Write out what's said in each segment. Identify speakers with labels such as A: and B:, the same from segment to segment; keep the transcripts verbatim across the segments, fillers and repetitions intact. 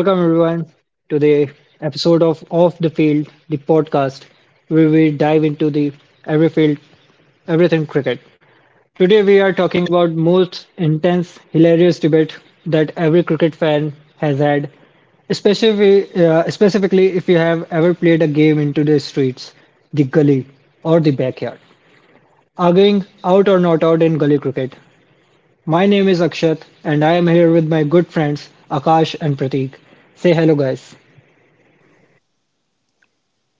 A: Welcome everyone to the episode of Off the Field, the podcast where we dive into the every field, everything cricket. Today we are talking about most intense, hilarious debate that every cricket fan has had, especially uh, specifically if you have ever played a game into the streets, the gully, or the backyard. Arguing out or not out in gully cricket. My name is Akshat and I am here with my good friends Akash and Prateek. Say hello, guys.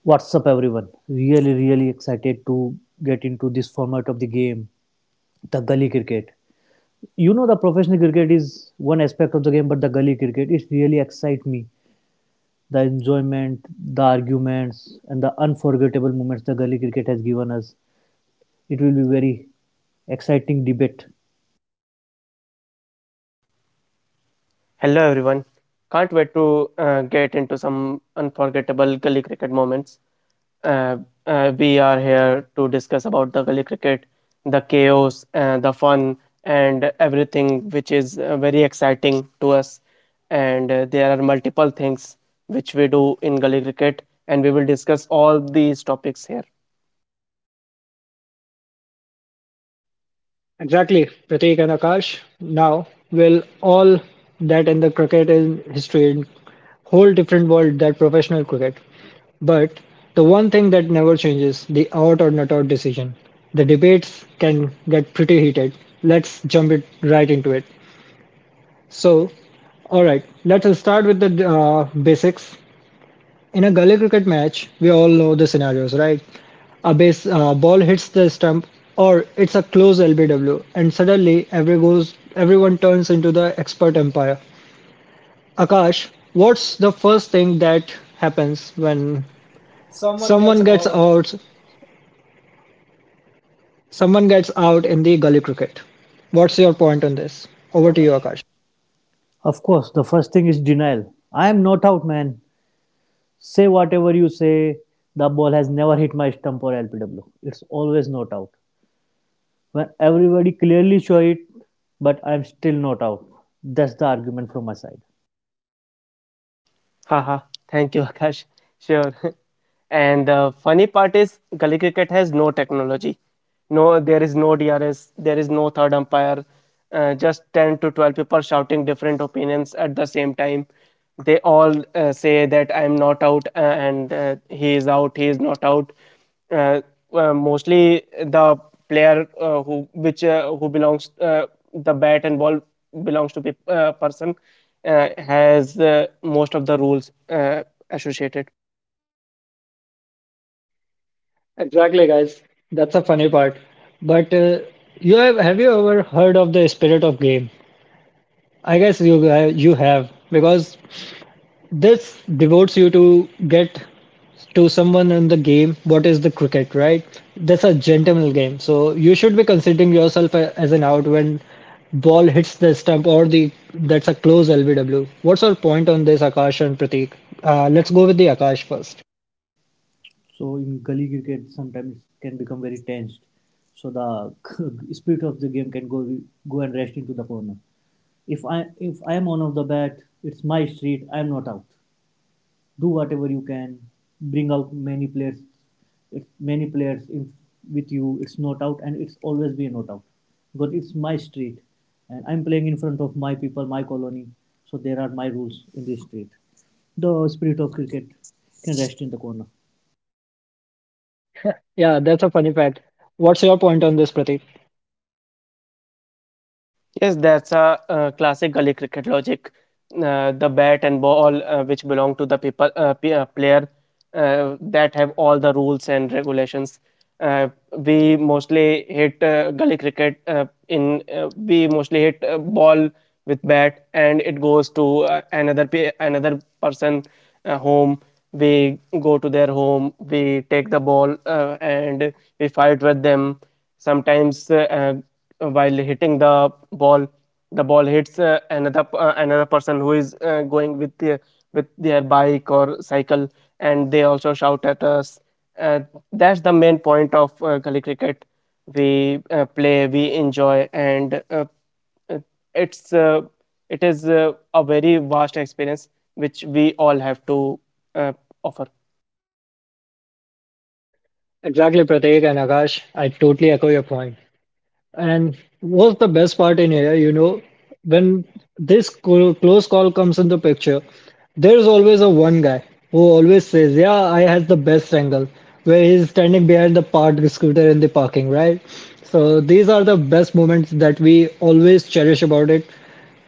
B: What's up, everyone? Really, really excited to get into this format of the game, the gully cricket. You know, the professional cricket is one aspect of the game, but the gully cricket it really excites me. The enjoyment, the arguments, and the unforgettable moments the gully cricket has given us. It will be very exciting debate.
C: Hello everyone. Can't wait to uh, get into some unforgettable gully cricket moments. Uh, uh, we are here to discuss about the gully cricket, the chaos, uh, the fun, and everything which is uh, very exciting to us. And uh, there are multiple things which we do in gully cricket, and we will discuss all these topics here.
A: Exactly, Pratik and Akash. Now, will all that in the cricket in history in whole different world that professional cricket. But the one thing that never changes, the out or not out decision. The debates can get pretty heated. Let's jump it right into it. So, all right, let's start with the uh, basics. In a gully cricket match, we all know the scenarios, right? A base uh, ball hits the stump, or it's a close L B W, and suddenly every goes, everyone turns into the expert empire. Akash, what's the first thing that happens when
B: Someone gets
A: someone gets
B: out
A: out? Someone gets out in the gully cricket. What's your point on this?
B: to you,
A: Over to you,
B: Akash.
A: Akash.
B: Of course, the first thing is denial. I am not out, man. Say whatever you say. The ball has never hit my stump or L P W. It's always not out. when everybody clearly show it, but I'm still not out. That's the argument from my side.
C: Haha, thank you, Akash. Sure. And the funny part is, gully cricket has no technology. No, there is no D R S, there is no third umpire, uh, just ten to twelve people shouting different opinions at the same time. They all uh, say that I'm not out uh, and uh, he is out, he is not out. Uh, uh, Mostly the player uh, who which uh, who belongs uh, the bat and ball belongs to pe- uh, person uh, has uh, most of the rules uh, associated.
A: Exactly, guys. That's a funny part. But uh, you have have you ever heard of the spirit of game? I guess you guy- you have because this devotes you to get to someone in the game what is the cricket, right? That's a gentleman game. So you should be considering yourself a- as an out when ball hits the stump or the that's a close L B W. What's your point on this, Akash and Pratik? Uh, let's go with the Akash first.
B: So in gully cricket, sometimes it can become very tensed. So the spirit of the game can go go and rest into the corner. If I if I am on of the bat, it's my street. I'm not out. do whatever you can, bring out many players, it's many players in, with you it's not out, and it's always be a not out because it's my street, and i'm playing in front of my people, my colony. So there are my rules in this street. The spirit of cricket can rest in the corner.
A: Yeah, that's a funny fact. What's your point on this, Pratik?
C: Yes, that's a uh, classic gully cricket logic. Uh, the bat and ball, uh, which belong to the people, uh, p- uh, player, uh, that have all the rules and regulations. Uh, we mostly hit uh, gully cricket uh, in uh, We mostly hit uh, ball with bat, and it goes to uh, another pe- another person uh, home. We go to their home. We take the ball uh, and we fight with them sometimes uh, while hitting the ball, the ball hits uh, another uh, another person who is uh, going with the, with their bike or cycle, and they also shout at us. uh, that's the main point of uh, gully cricket. We uh, play, we enjoy, and uh, uh, it's uh, it is uh, a very vast experience which we all have to uh, offer.
A: Exactly, Pratik and Akash. I totally echo your point. And what's the best part in here, you know, when this clo- close call comes in the picture, there's always a one guy who always says, "Yeah, I has the best angle," where he's standing behind the parked scooter in the parking, right? So these are the best moments that we always cherish about it.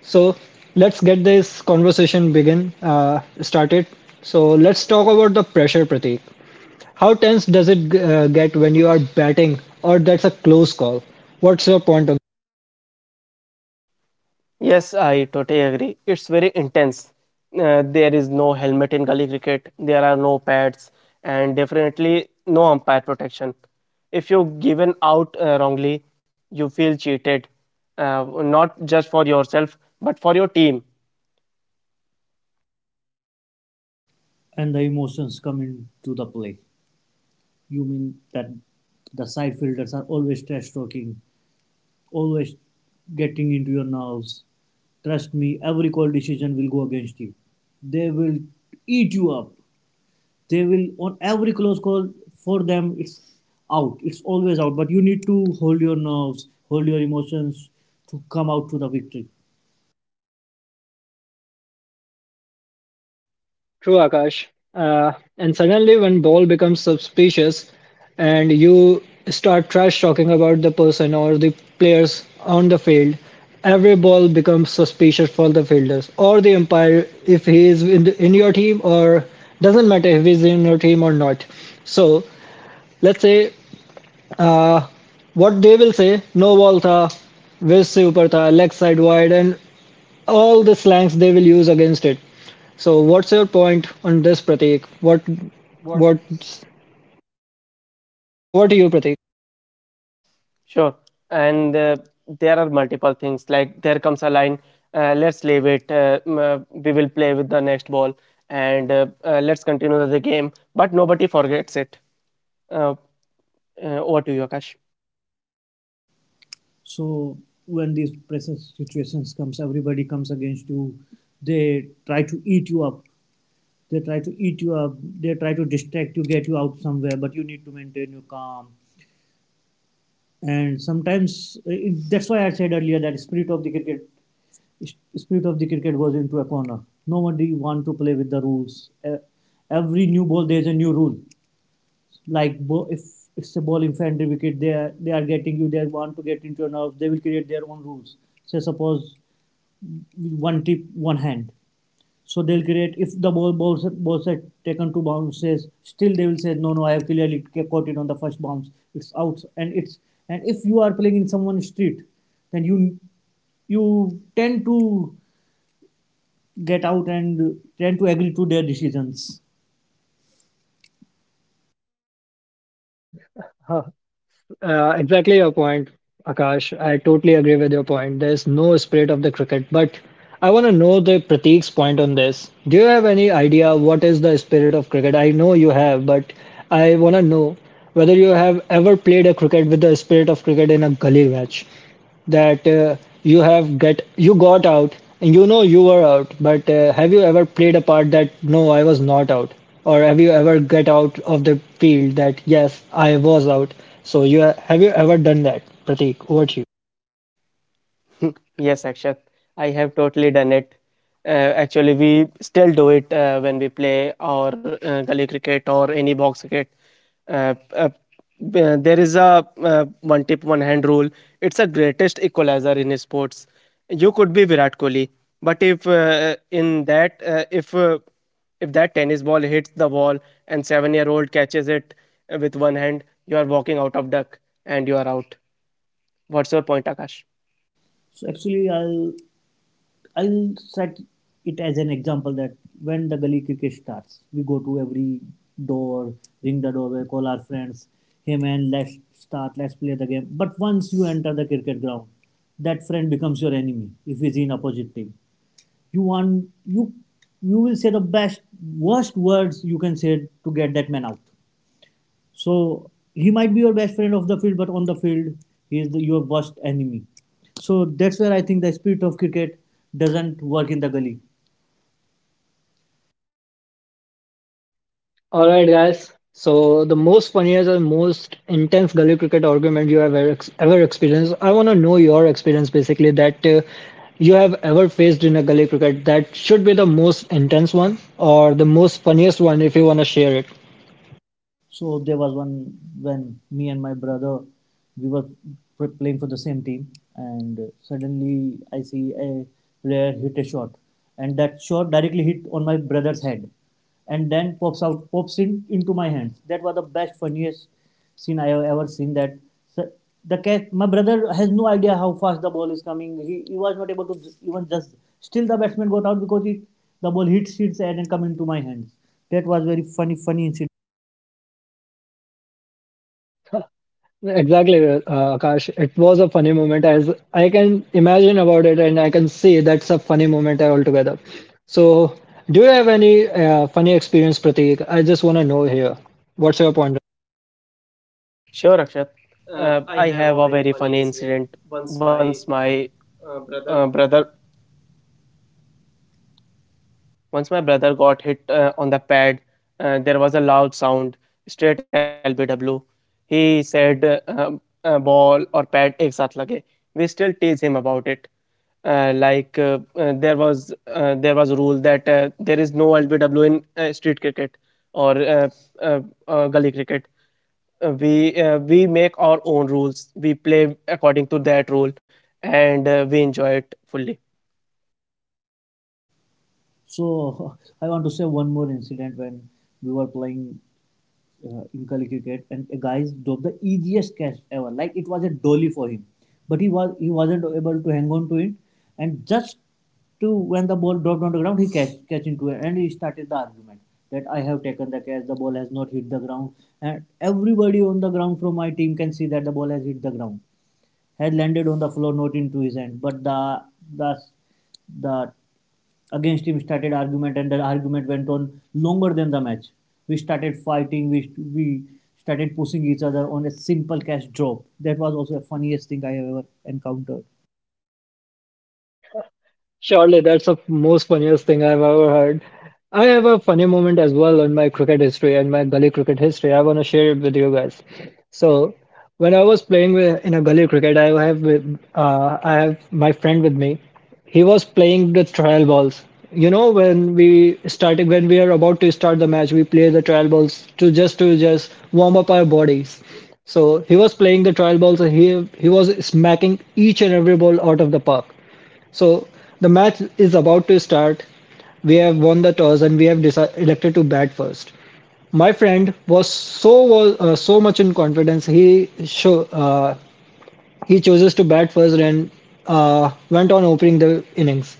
A: So let's get this conversation begin uh, started. So let's talk about the pressure, Pratik. How tense does it uh, get when you are batting, or that's a close call? What's your point on?
C: Yes, I totally agree. It's very intense. Uh, there is no helmet in gully cricket, there are no pads, and definitely no umpire protection. If you given out uh, wrongly, you feel cheated, uh, not just for yourself, but for your team.
B: And the emotions come into the play. You mean that the side fielders are always trash talking, always getting into your nerves. Trust me, every call decision will go against you. They will eat you up. They will on every close call for them it's out. It's always out. But you need to hold your nerves, hold your emotions to come out to the victory.
A: True, Akash. Uh, and suddenly, when ball becomes suspicious, and you start trash talking about the person or the players on the field, every ball becomes suspicious for the fielders or the umpire if he is in, the, in your team or doesn't matter if he's in your team or not. So let's say uh, what they will say, no ball tha, wrist se upar tha, leg side wide, and all the slangs they will use against it. So what's your point on this, Prateek? What
C: What?
A: what? Over to you, Prateek.
C: Sure. And uh, there are multiple things like there comes a line, uh, let's leave it, uh, m- uh, we will play with the next ball, and uh, uh, let's continue the game. But nobody forgets it. Uh, Uh, over to you, Akash.
B: So when these pressure situations comes, everybody comes against you. They try to eat you up. They try to eat you up. They try to distract you, get you out somewhere. But you need to maintain your calm, and sometimes uh, that's why I said earlier that spirit of the cricket, spirit of the cricket was into a corner. Nobody want to play with the rules. Uh, every new ball there's a new rule. Like if it's a ball infantry wicket, they are they are getting you. They want to get into your nerves. They will create their own rules. Say suppose one tip, one hand. So they'll create if the ball balls balls are taken two bounces, still they will say, no, no, I have clearly caught it on the first bounce. It's out. And it's and if you are playing in someone's street, then you you tend to get out and tend to agree to their decisions.
A: Huh. Uh, exactly your point, Akash. I totally agree with your point. There's no spirit of the cricket, but I want to know the Prateek's point on this. Do you have any idea what is the spirit of cricket? I know you have, but I want to know whether you have ever played a cricket with the spirit of cricket in a gully match. That uh, you have get you got out and you know you were out, but uh, have you ever played a part that no I was not out, or have you ever get out of the field that yes I was out? So you ha- have you ever done that, Pratik? Over to you.
C: Yes, Akshat, I have totally done it. Uh, Actually, we still do it uh, when we play or uh, gully cricket or any box cricket. Uh, uh, b- uh, there is a uh, one tip, one hand rule. It's a greatest equalizer in sports. You could be Virat Kohli, but if uh, in that, uh, if uh, if that tennis ball hits the wall and seven-year-old catches it uh, with one hand, you are walking out of duck and you are out. What's your point, Akash?
B: So actually I'll I'll set it as an example that when the gully cricket starts, we go to every door, ring the doorbell, call our friends, hey man, let's start, let's play the game. But once you enter the cricket ground, that friend becomes your enemy if he's in opposite team. You want you you will say the best worst words you can say to get that man out. So he might be your best friend off the field, but on the field, he is the, your worst enemy. So that's where I think the spirit of cricket doesn't work in the gully.
A: All right, guys, so the most funniest and most intense gully cricket argument you have ever, ex- ever experienced, I want to know your experience basically that uh, you have ever faced in a gully cricket, that should be the most intense one or the most funniest one, if you want to share it.
B: So there was one when me and my brother we were p- playing for the same team, and suddenly I see a player hit a shot, and that shot directly hit on my brother's head, and then pops out pops in into my hands. That was the best funniest scene I have ever seen. That so the cat, my brother has no idea how fast the ball is coming. He, he was not able to j- even just still the batsman got out because it the ball hits his head and come into my hands. That was very funny funny incident.
A: Exactly, uh, Akash. It was a funny moment as I can imagine about it, and I can see that's a funny moment altogether. So, do you have any uh, funny experience, Prateek? I just want to know here. What's your point?
C: Sure, Akshat.
B: Uh,
C: Uh,
B: I
C: I
B: have
C: have
B: a
C: a
B: very
C: very
B: funny
C: funny
B: incident.
C: incident.
B: Once
C: Once
B: my
C: my
B: uh,
C: uh,
B: brother,
C: brother, Once my brother got hit uh, on the pad, uh, there was a loud sound, straight L B W. He said, uh, um, uh, "Ball or pad, ek saath lage." We still tease him about it. Uh, like uh, uh, there was uh, there was a rule that uh, there is no L B W in uh, street cricket or uh, uh, uh, gully cricket. Uh, we uh, we make our own rules, we play according to that rule, and uh, we enjoy it fully.
B: so I want to say one more incident when we were playing uh, in Kali cricket, and a guy dropped the easiest catch ever. Like it was a dolly for him, but he was he wasn't able to hang on to it, and just to when the ball dropped on the ground, he catch catch into it, and he started the argument that I have taken the catch, the ball has not hit the ground, and everybody on the ground from my team can see that the ball has hit the ground. Had landed on the floor, not into his hand, but the the the against him started argument, and the argument went on longer than the match. We started fighting, we we started pushing each other on a simple cash drop. That was also the funniest thing I have ever encountered.
A: Surely that's the most funniest thing I've ever heard. I have a funny moment as well in my cricket history and my gully cricket history. I want to share it with you guys. So, when I was playing with, in a gully cricket, I have with- uh, I have my friend with me. He was playing the trial balls. You know, when we started, when we are about to start the match, we play the trial balls to just to just warm up our bodies. So he was playing the trial balls. And he he was smacking each and every ball out of the park. So the match is about to start. We have won the toss and we have decided, elected to bat first. My friend was so was uh, so much in confidence. He show uh, he chooses to bat first and uh, went on opening the innings.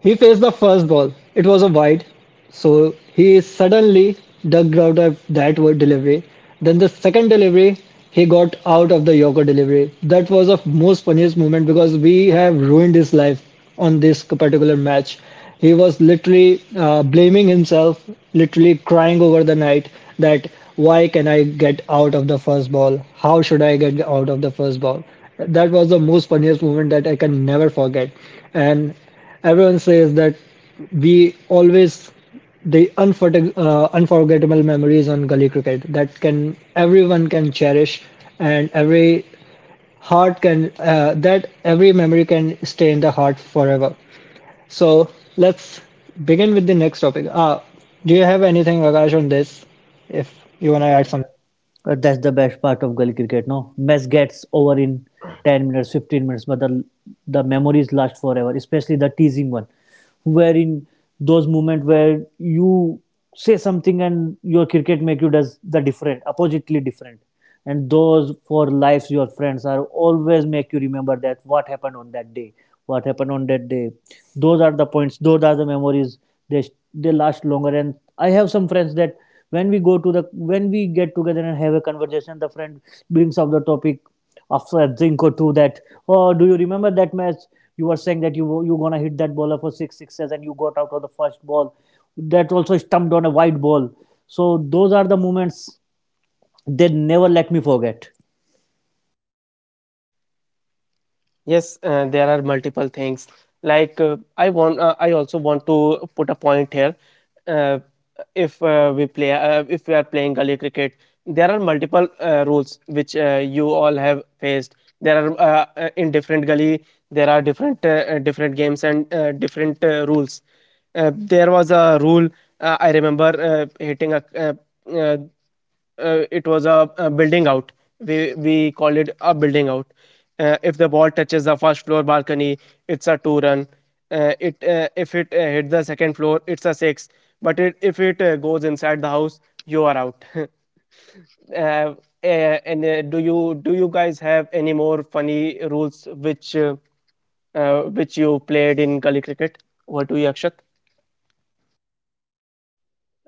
A: He faced the first ball. It was a wide, so he suddenly dug out of that word delivery. Then the second delivery, he got out of the Yorker delivery. That was the most funniest moment because we have ruined his life on this particular match. He was literally uh, blaming himself, literally crying over the night that why can I get out of the first ball? How should I get out of the first ball? That was the most funniest moment that I can never forget. And everyone says that we always the unforget, uh, unforgettable memories on gully cricket that can everyone can cherish, and every heart can uh, that every memory can stay in the heart forever. So let's begin with the next topic. Uh, do you have anything, Akash, on this? If you want to add
B: Something
A: something.
B: here. Uh, That's the best part of Gully cricket. No, match gets over in ten minutes, fifteen minutes, but the the memories last forever. Especially the teasing one, wherein those moments where you say something and your cricket make you does the different, oppositely different, and those four lives, your friends are always make you remember that what happened on that day, what happened on that day. Those are the points, those are the memories. They they last longer, and I have some friends that when we go to the when we get together and have a conversation, the friend brings up the topic after a drink or two. That, oh, do you remember that match? You were saying that you you gonna hit that bowler for six sixes and you got out of the first ball that also stumped on a wide ball. So those are the moments, they never let me forget.
C: Yes, uh, there are multiple things. Like uh, I want, uh, I also want to put a point here. Uh, if uh, we play, uh, if we are playing gully cricket, there are multiple uh, rules which uh, you all have faced. There are uh, uh, in different gully, there are different uh, uh, different games and uh, different uh, rules. Uh, there was a rule, uh, I remember uh, hitting a uh, uh, uh, it was a, a building out. We we call it a building out. Uh, if the ball touches the first floor balcony, it's a two run. Uh, it uh, If it uh, hit the second floor, it's a six. But it, if it uh, goes inside the house, you are out. uh, eh, and uh, Do you do you guys have any more funny rules which uh, uh, which you played in gully cricket? What do you, Akshat?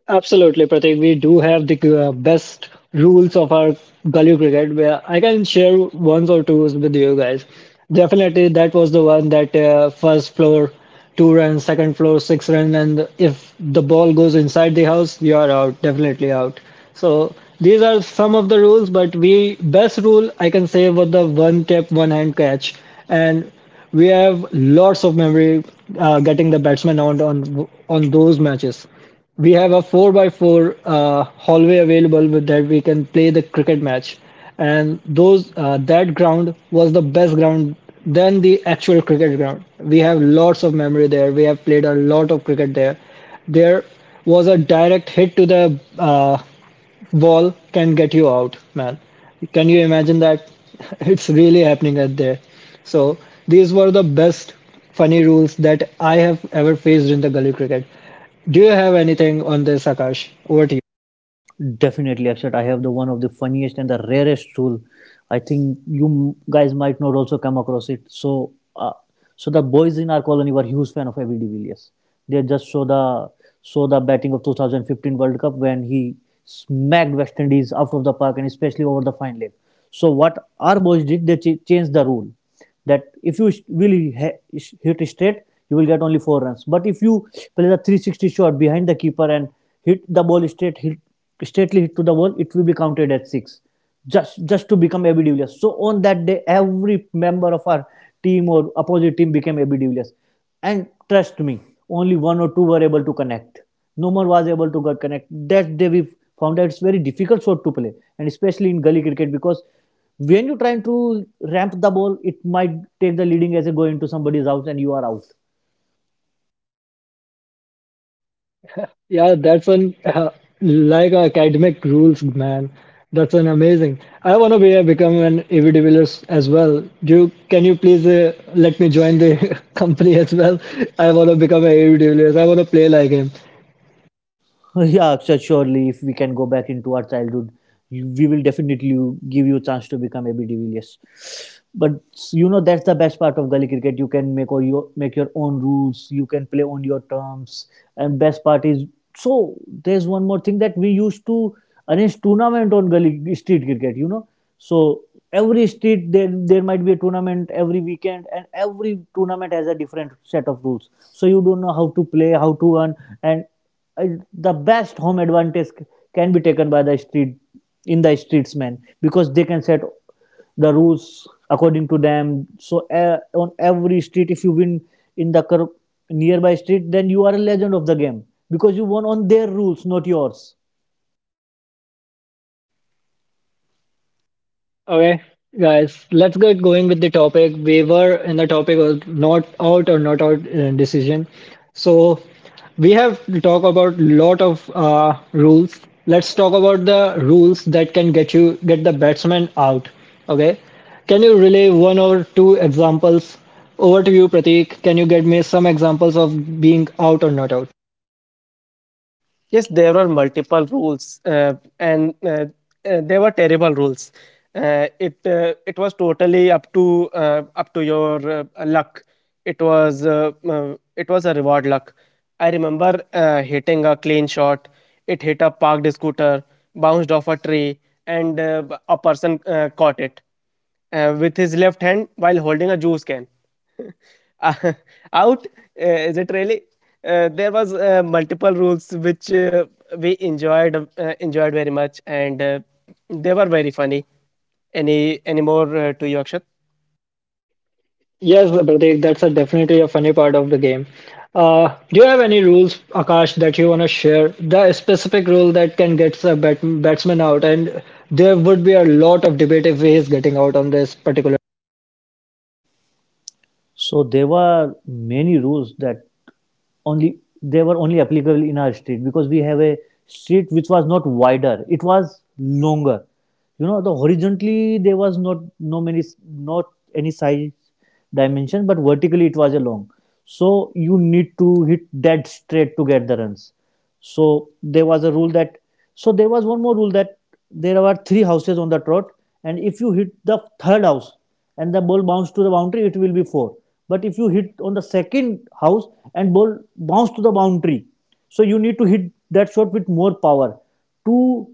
A: Absolutely, Pratik. We do have the uh, best rules of our gully cricket, where I can share ones or twos with you guys. Definitely, that was the one that uh, first floor two runs, second floor six run, and if the ball goes inside the house, you are out. Definitely out. So these are some of the rules, but we best rule I can say was the one tap, one hand catch, and we have lots of memory uh, getting the batsman out on on those matches. We have a four by four uh, hallway available with that we can play the cricket match. And those uh, that ground was the best ground than the actual cricket ground. We have lots of memory there. We have played a lot of cricket there. There was a direct hit to the uh, wall can get you out, man. Can you imagine that? It's really happening out there. So these were the best funny rules that I have ever faced in the gully cricket. Do you have anything on this, Akash? Over to you.
B: Definitely, Akshat, I have the one of the funniest and the rarest rule. I think you guys might not also come across it. So uh, so the boys in our colony were huge fan of Abby de Villiers. They just saw the saw the batting of twenty fifteen World Cup when he smacked West Indies out of the park, and especially over the fine leg. So what our boys did, they ch- changed the rule that if you really hit straight, you will get only four runs. But if you play the three sixty shot behind the keeper and hit the ball straight, hit straightly hit to the ball, it will be counted as six. Just just to become A B de Villiers. So on that day, every member of our team or opposite team became A B de Villiers. And trust me, only one or two were able to connect. No more was able to get connect. That day we found that it's very difficult shot to play, and especially in gully cricket because when you're trying to ramp the ball, it might take the leading as a go into somebody's house and you are out.
A: Yeah, that's an uh, like academic rules, man. That's an amazing. I want to be a, become an A V developers as well. Do you, can you please uh, let me join the company as well? I want to become an A V developers. I want to play like him.
B: yeah, sure. surely if we can go back into our childhood, you- we will definitely give you a chance to become a B D Villiers. But you know that's the best part of gully cricket. You can make or your make your own rules. You can play on your terms. And best part is, so there's one more thing that we used to arrange tournament on gully street cricket. You know, so every street there there might be a tournament every weekend, and every tournament has a different set of rules. So you don't know how to play, how to run, and uh, the best home advantage c- can be taken by the street, in the streets man, because they can set the rules according to them. So uh, on every street if you win in the nearby street, then you are a legend of the game because you won on their rules, not yours.
A: Okay, guys, let's get going with the topic. We were in the topic of not out or not out uh, decision. So we have to talk about lot of uh, rules. Let's talk about the rules that can get you get the batsman out. Okay, can you relay one or two examples? Over to you, Pratik. Can you get me some examples of being out or not out?
C: Yes, there were multiple rules, uh, and uh, uh, they were terrible rules. Uh, it uh, it was totally up to uh, up to your uh, luck. It was uh, uh, it was a reward luck. I remember uh, hitting a clean shot. It hit a parked scooter, bounced off a tree, and uh, a person uh, caught it uh, with his left hand while holding a juice can. Uh, Out? Uh, is it really? Uh, there was uh, multiple rules which uh, we enjoyed uh, enjoyed very much, and uh, they were very funny. Any any more uh, to you, Akshat?
D: Yes, Pratik, that's a definitely a funny part of the game. Uh, do you have any rules, Akash, that you want to share? The specific rule that can get a bat batsman out, and there would be a lot of debate if he is getting out on this particular.
E: So there were many rules that only they were only applicable in our street because we have a street which was not wider; it was longer. You know, the horizontally there was not no many not any size dimension, but vertically it was a long. So you need to hit that straight to get the runs. So there was a rule that so there was one more rule that there were three houses on the trot, and if you hit the third house and the ball bounces to the boundary, it will be four. But if you hit on the second house and ball bounces to the boundary, so you need to hit that shot with more power to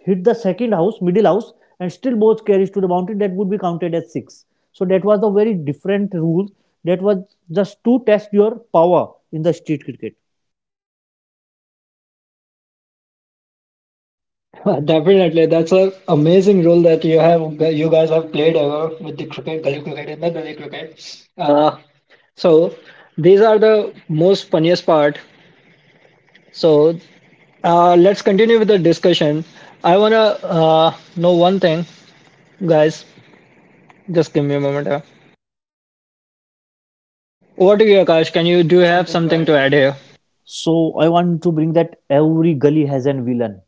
E: hit the second house, middle house, and still ball carries to the boundary. That would be counted as six. So that was a very different rule. That was just to test your power in the street cricket.
D: Definitely, that's a amazing rule that you have, you guys have played ever with the cricket, gully cricket, and the gully cricket. Uh, so these are the most funniest part. So uh, let's continue with the discussion. I wanna uh, know one thing. Guys, just give me a moment here. Over to you, Akash. Can you
E: I
D: do you
E: have
D: have
E: something to
D: something
E: add
D: to
E: here.
D: add here?
E: So I want to bring that every gully has a villain.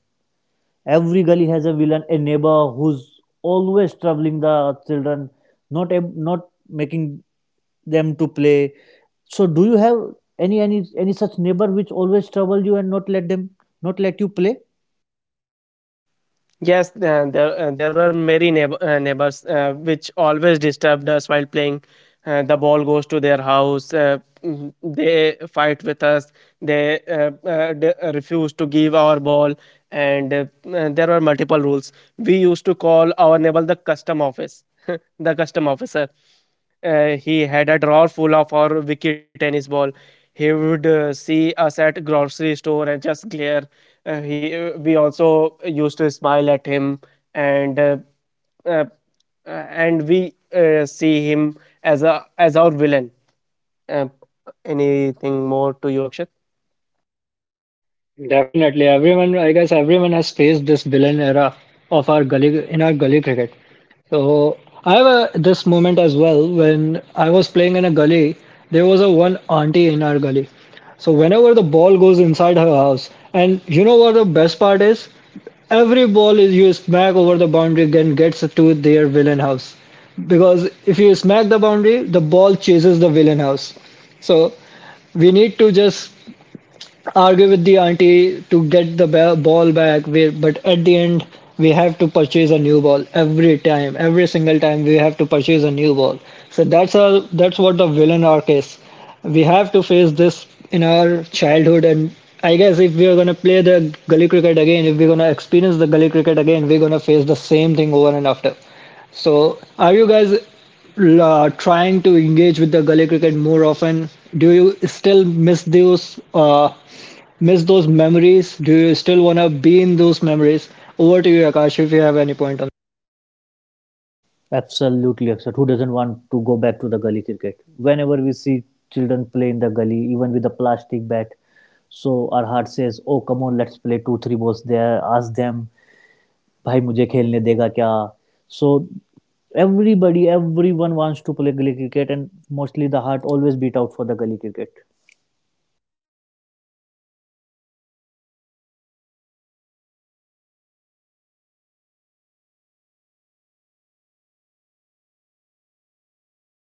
E: Every gully has a villain, a neighbor who's always troubling the children, not not making them to play. So do you have any any any such neighbor which always trouble you and not let them not let you play?
C: Yes, uh, there, uh, there were many neighbor, uh, neighbors uh, which always disturbed us while playing. Uh, the ball goes to their house. Uh, mm, they fight with us. They uh, uh, d- uh, refuse to give our ball, and uh, uh, there were multiple rules. We used to call our neighbor the custom office, the custom officer. Uh, he had a drawer full of our wicky tennis ball. He would uh, see us at grocery store and just glare. Uh, he, uh, we also used to smile at him, and uh, uh, uh, and we uh, see him as a as our villain. Uh, Anything more to you, Akshat?
D: Definitely, everyone. I guess everyone has faced this villain era of our gully in our gully cricket. So I have a, this moment as well when I was playing in a gully. There was a one auntie in our gully. So whenever the ball goes inside her house, and you know what the best part is, every ball is you smack over the boundary and gets to their villain house. Because if you smack the boundary, the ball chases the villain house. So we need to just argue with the auntie to get the ball back, but at the end we have to purchase a new ball every time, every single time we have to purchase a new ball. So that's all. That's what the villain arc is. We have to face this in our childhood, and I guess if we are going to play the gully cricket again, if we're going to experience the gully cricket again, we're going to face the same thing over and after. So, are you guys uh, trying to engage with the gully cricket more often? Do you still miss those uh, miss those memories? Do you still want to be in those memories? Over to you, Akash, if you have any point on.
E: Absolutely, Akshat. Who doesn't want to go back to the gully cricket? Whenever we see children play in the gully, even with a plastic bat, so our heart says, "Oh, come on, let's play two, three balls there." Ask them भाई मुझे खेलने देगा क्या. So everybody, everyone wants to play gully cricket, and mostly the heart always beat out for the gully cricket.
C: Yes, uh, uh, we also had one more rule of uh, common player. Uh, like uh, uh, our villain was,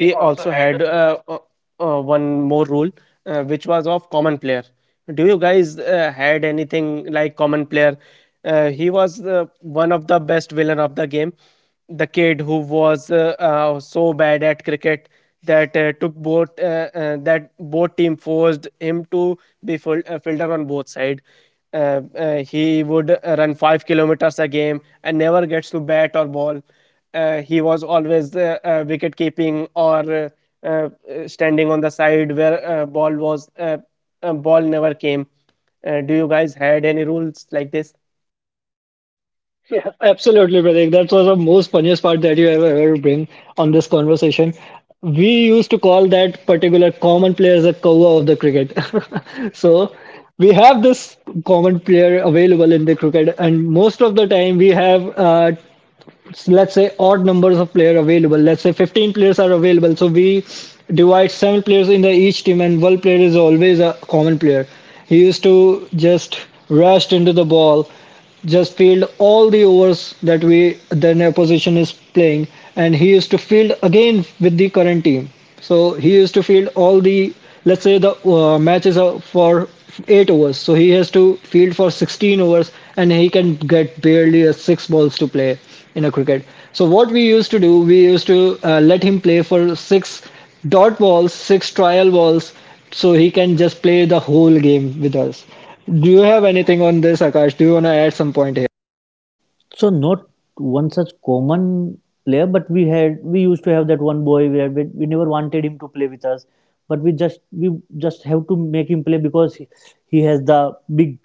C: we also had uh, uh, uh, one more rule, uh, which was of common player. Do you guys uh, had anything like common player? Uh, he was uh, one of the best villain of the game. The kid who was uh, uh, so bad at cricket that uh, took both uh, uh, that both team forced him to be full uh, fielder on both side. Uh, uh, he would uh, run five kilometers a game and never gets to bat or ball. Uh, he was always uh, uh, wicket keeping or uh, uh, uh, standing on the side where uh, ball was uh, uh, ball never came. Uh, do you guys had any rules like this?
D: Yeah, absolutely, Pratik. That was the most funniest part that you ever ever bring on this conversation. We used to call that particular common player as a cover of the cricket. So we have this common player available in the cricket, and most of the time we have uh, let's say odd numbers of players available, let's say fifteen players are available, so we divide seven players in the each team and one player is always a common player. He used to just rush into the ball, just field all the overs that we, then opposition is playing, and he used to field again with the current team. So he used to field all the, let's say the uh, match is uh, for eight overs, so he has to field for sixteen overs, and he can get barely uh, six balls to play in a cricket. So what we used to do, we used to uh, let him play for six dot balls, six trial balls, so he can just play the whole game with us. Do you have anything on this, Akash? Do you want to add some point here?
E: So not one such common player, but we had we used to have that one boy where we, we never wanted him to play with us, but we just we just have to make him play because he, he has the big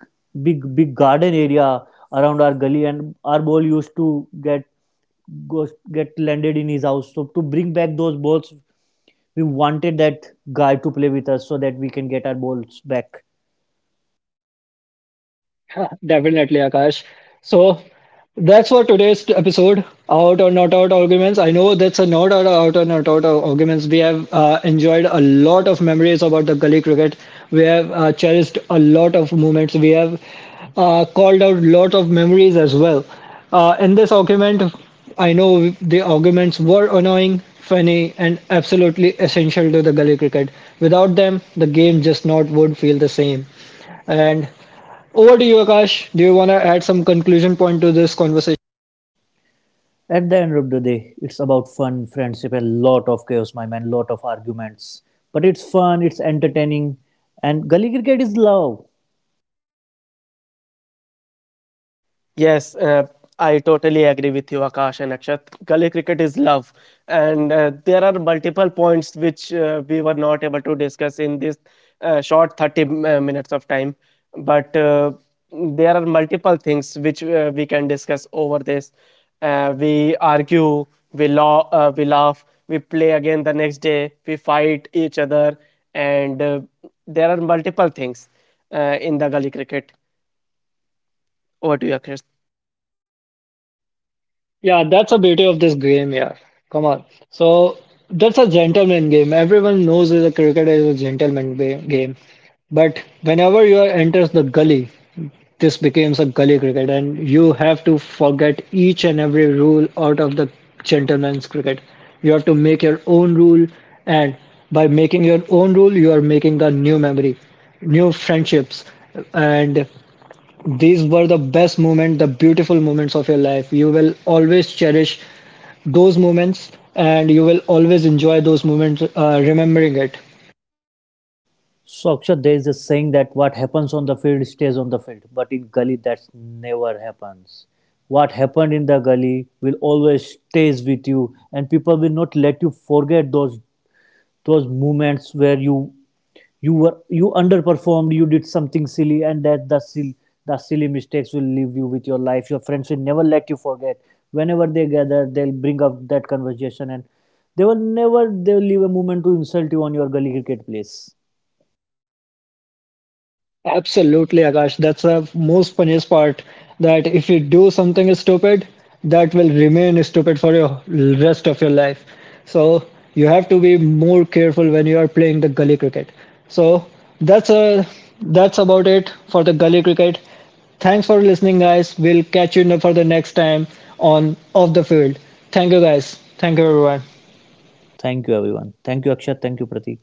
E: big big garden area around our gully, and our ball used to get goes get landed in his house. So to bring back those balls we wanted that guy to play with us so that we can get our balls back.
D: Definitely, Akash. So that's for today's episode. Out or not out arguments. I know that's a not out out or not out arguments. We have uh, enjoyed a lot of memories about the gully cricket. We have uh, cherished a lot of moments. We have uh, called out lot of memories as well. Uh, in this argument, I know the arguments were annoying, funny, and absolutely essential to the gully cricket. Without them, the game just not would feel the same. And over to you, Akash. Do you want to add some conclusion point to this conversation?
E: At the end of the day, it's about fun, friendship, a lot of chaos, my man, lot of arguments. But it's fun, it's entertaining, and gully cricket is love.
C: Yes, uh, I totally agree with you, Akash and Akshat. Gully cricket is love, and uh, there are multiple points which uh, we were not able to discuss in this uh, short thirty m- uh, minutes of time. But uh, there are multiple things which uh, we can discuss over this. Uh, we argue, we laugh, uh, we laugh, we play again the next day, we fight each other, and uh, there are multiple things uh, in the gully cricket. Over to you, Akshat.
D: Yeah, that's the beauty of this game, yeah. Come on. So that's a gentleman game. Everyone knows that cricket is a gentleman ba- game. But whenever you are- enters the gully, this becomes a gully cricket, and you have to forget each and every rule out of the gentleman's cricket. You have to make your own rule, and by making your own rule, you are making the new memory, new friendships, and these were the best moments, the beautiful moments of your life. You will always cherish those moments and you will always enjoy those moments, uh, remembering it.
E: So, Akshat, there is a saying that what happens on the field stays on the field, but in gully, that never happens. What happened in the gully will always stays with you, and people will not let you forget those those moments where you you were you underperformed, you did something silly, and that the silly the silly mistakes will leave you with your life. Your friends will never let you forget. Whenever they gather, they'll bring up that conversation, and they will never they'll leave a moment to insult you on your gully cricket place.
D: Absolutely, Akash. That's the most funniest part that if you do something stupid, that will remain stupid for your rest of your life. So you have to be more careful when you are playing the gully cricket. So that's a that's about it for the gully cricket. Thanks for listening, guys. We'll catch you for the next time on Off the Field. Thank you, guys. Thank you, everyone.
E: Thank you, everyone. Thank you, Akshat. Thank you, Pratik.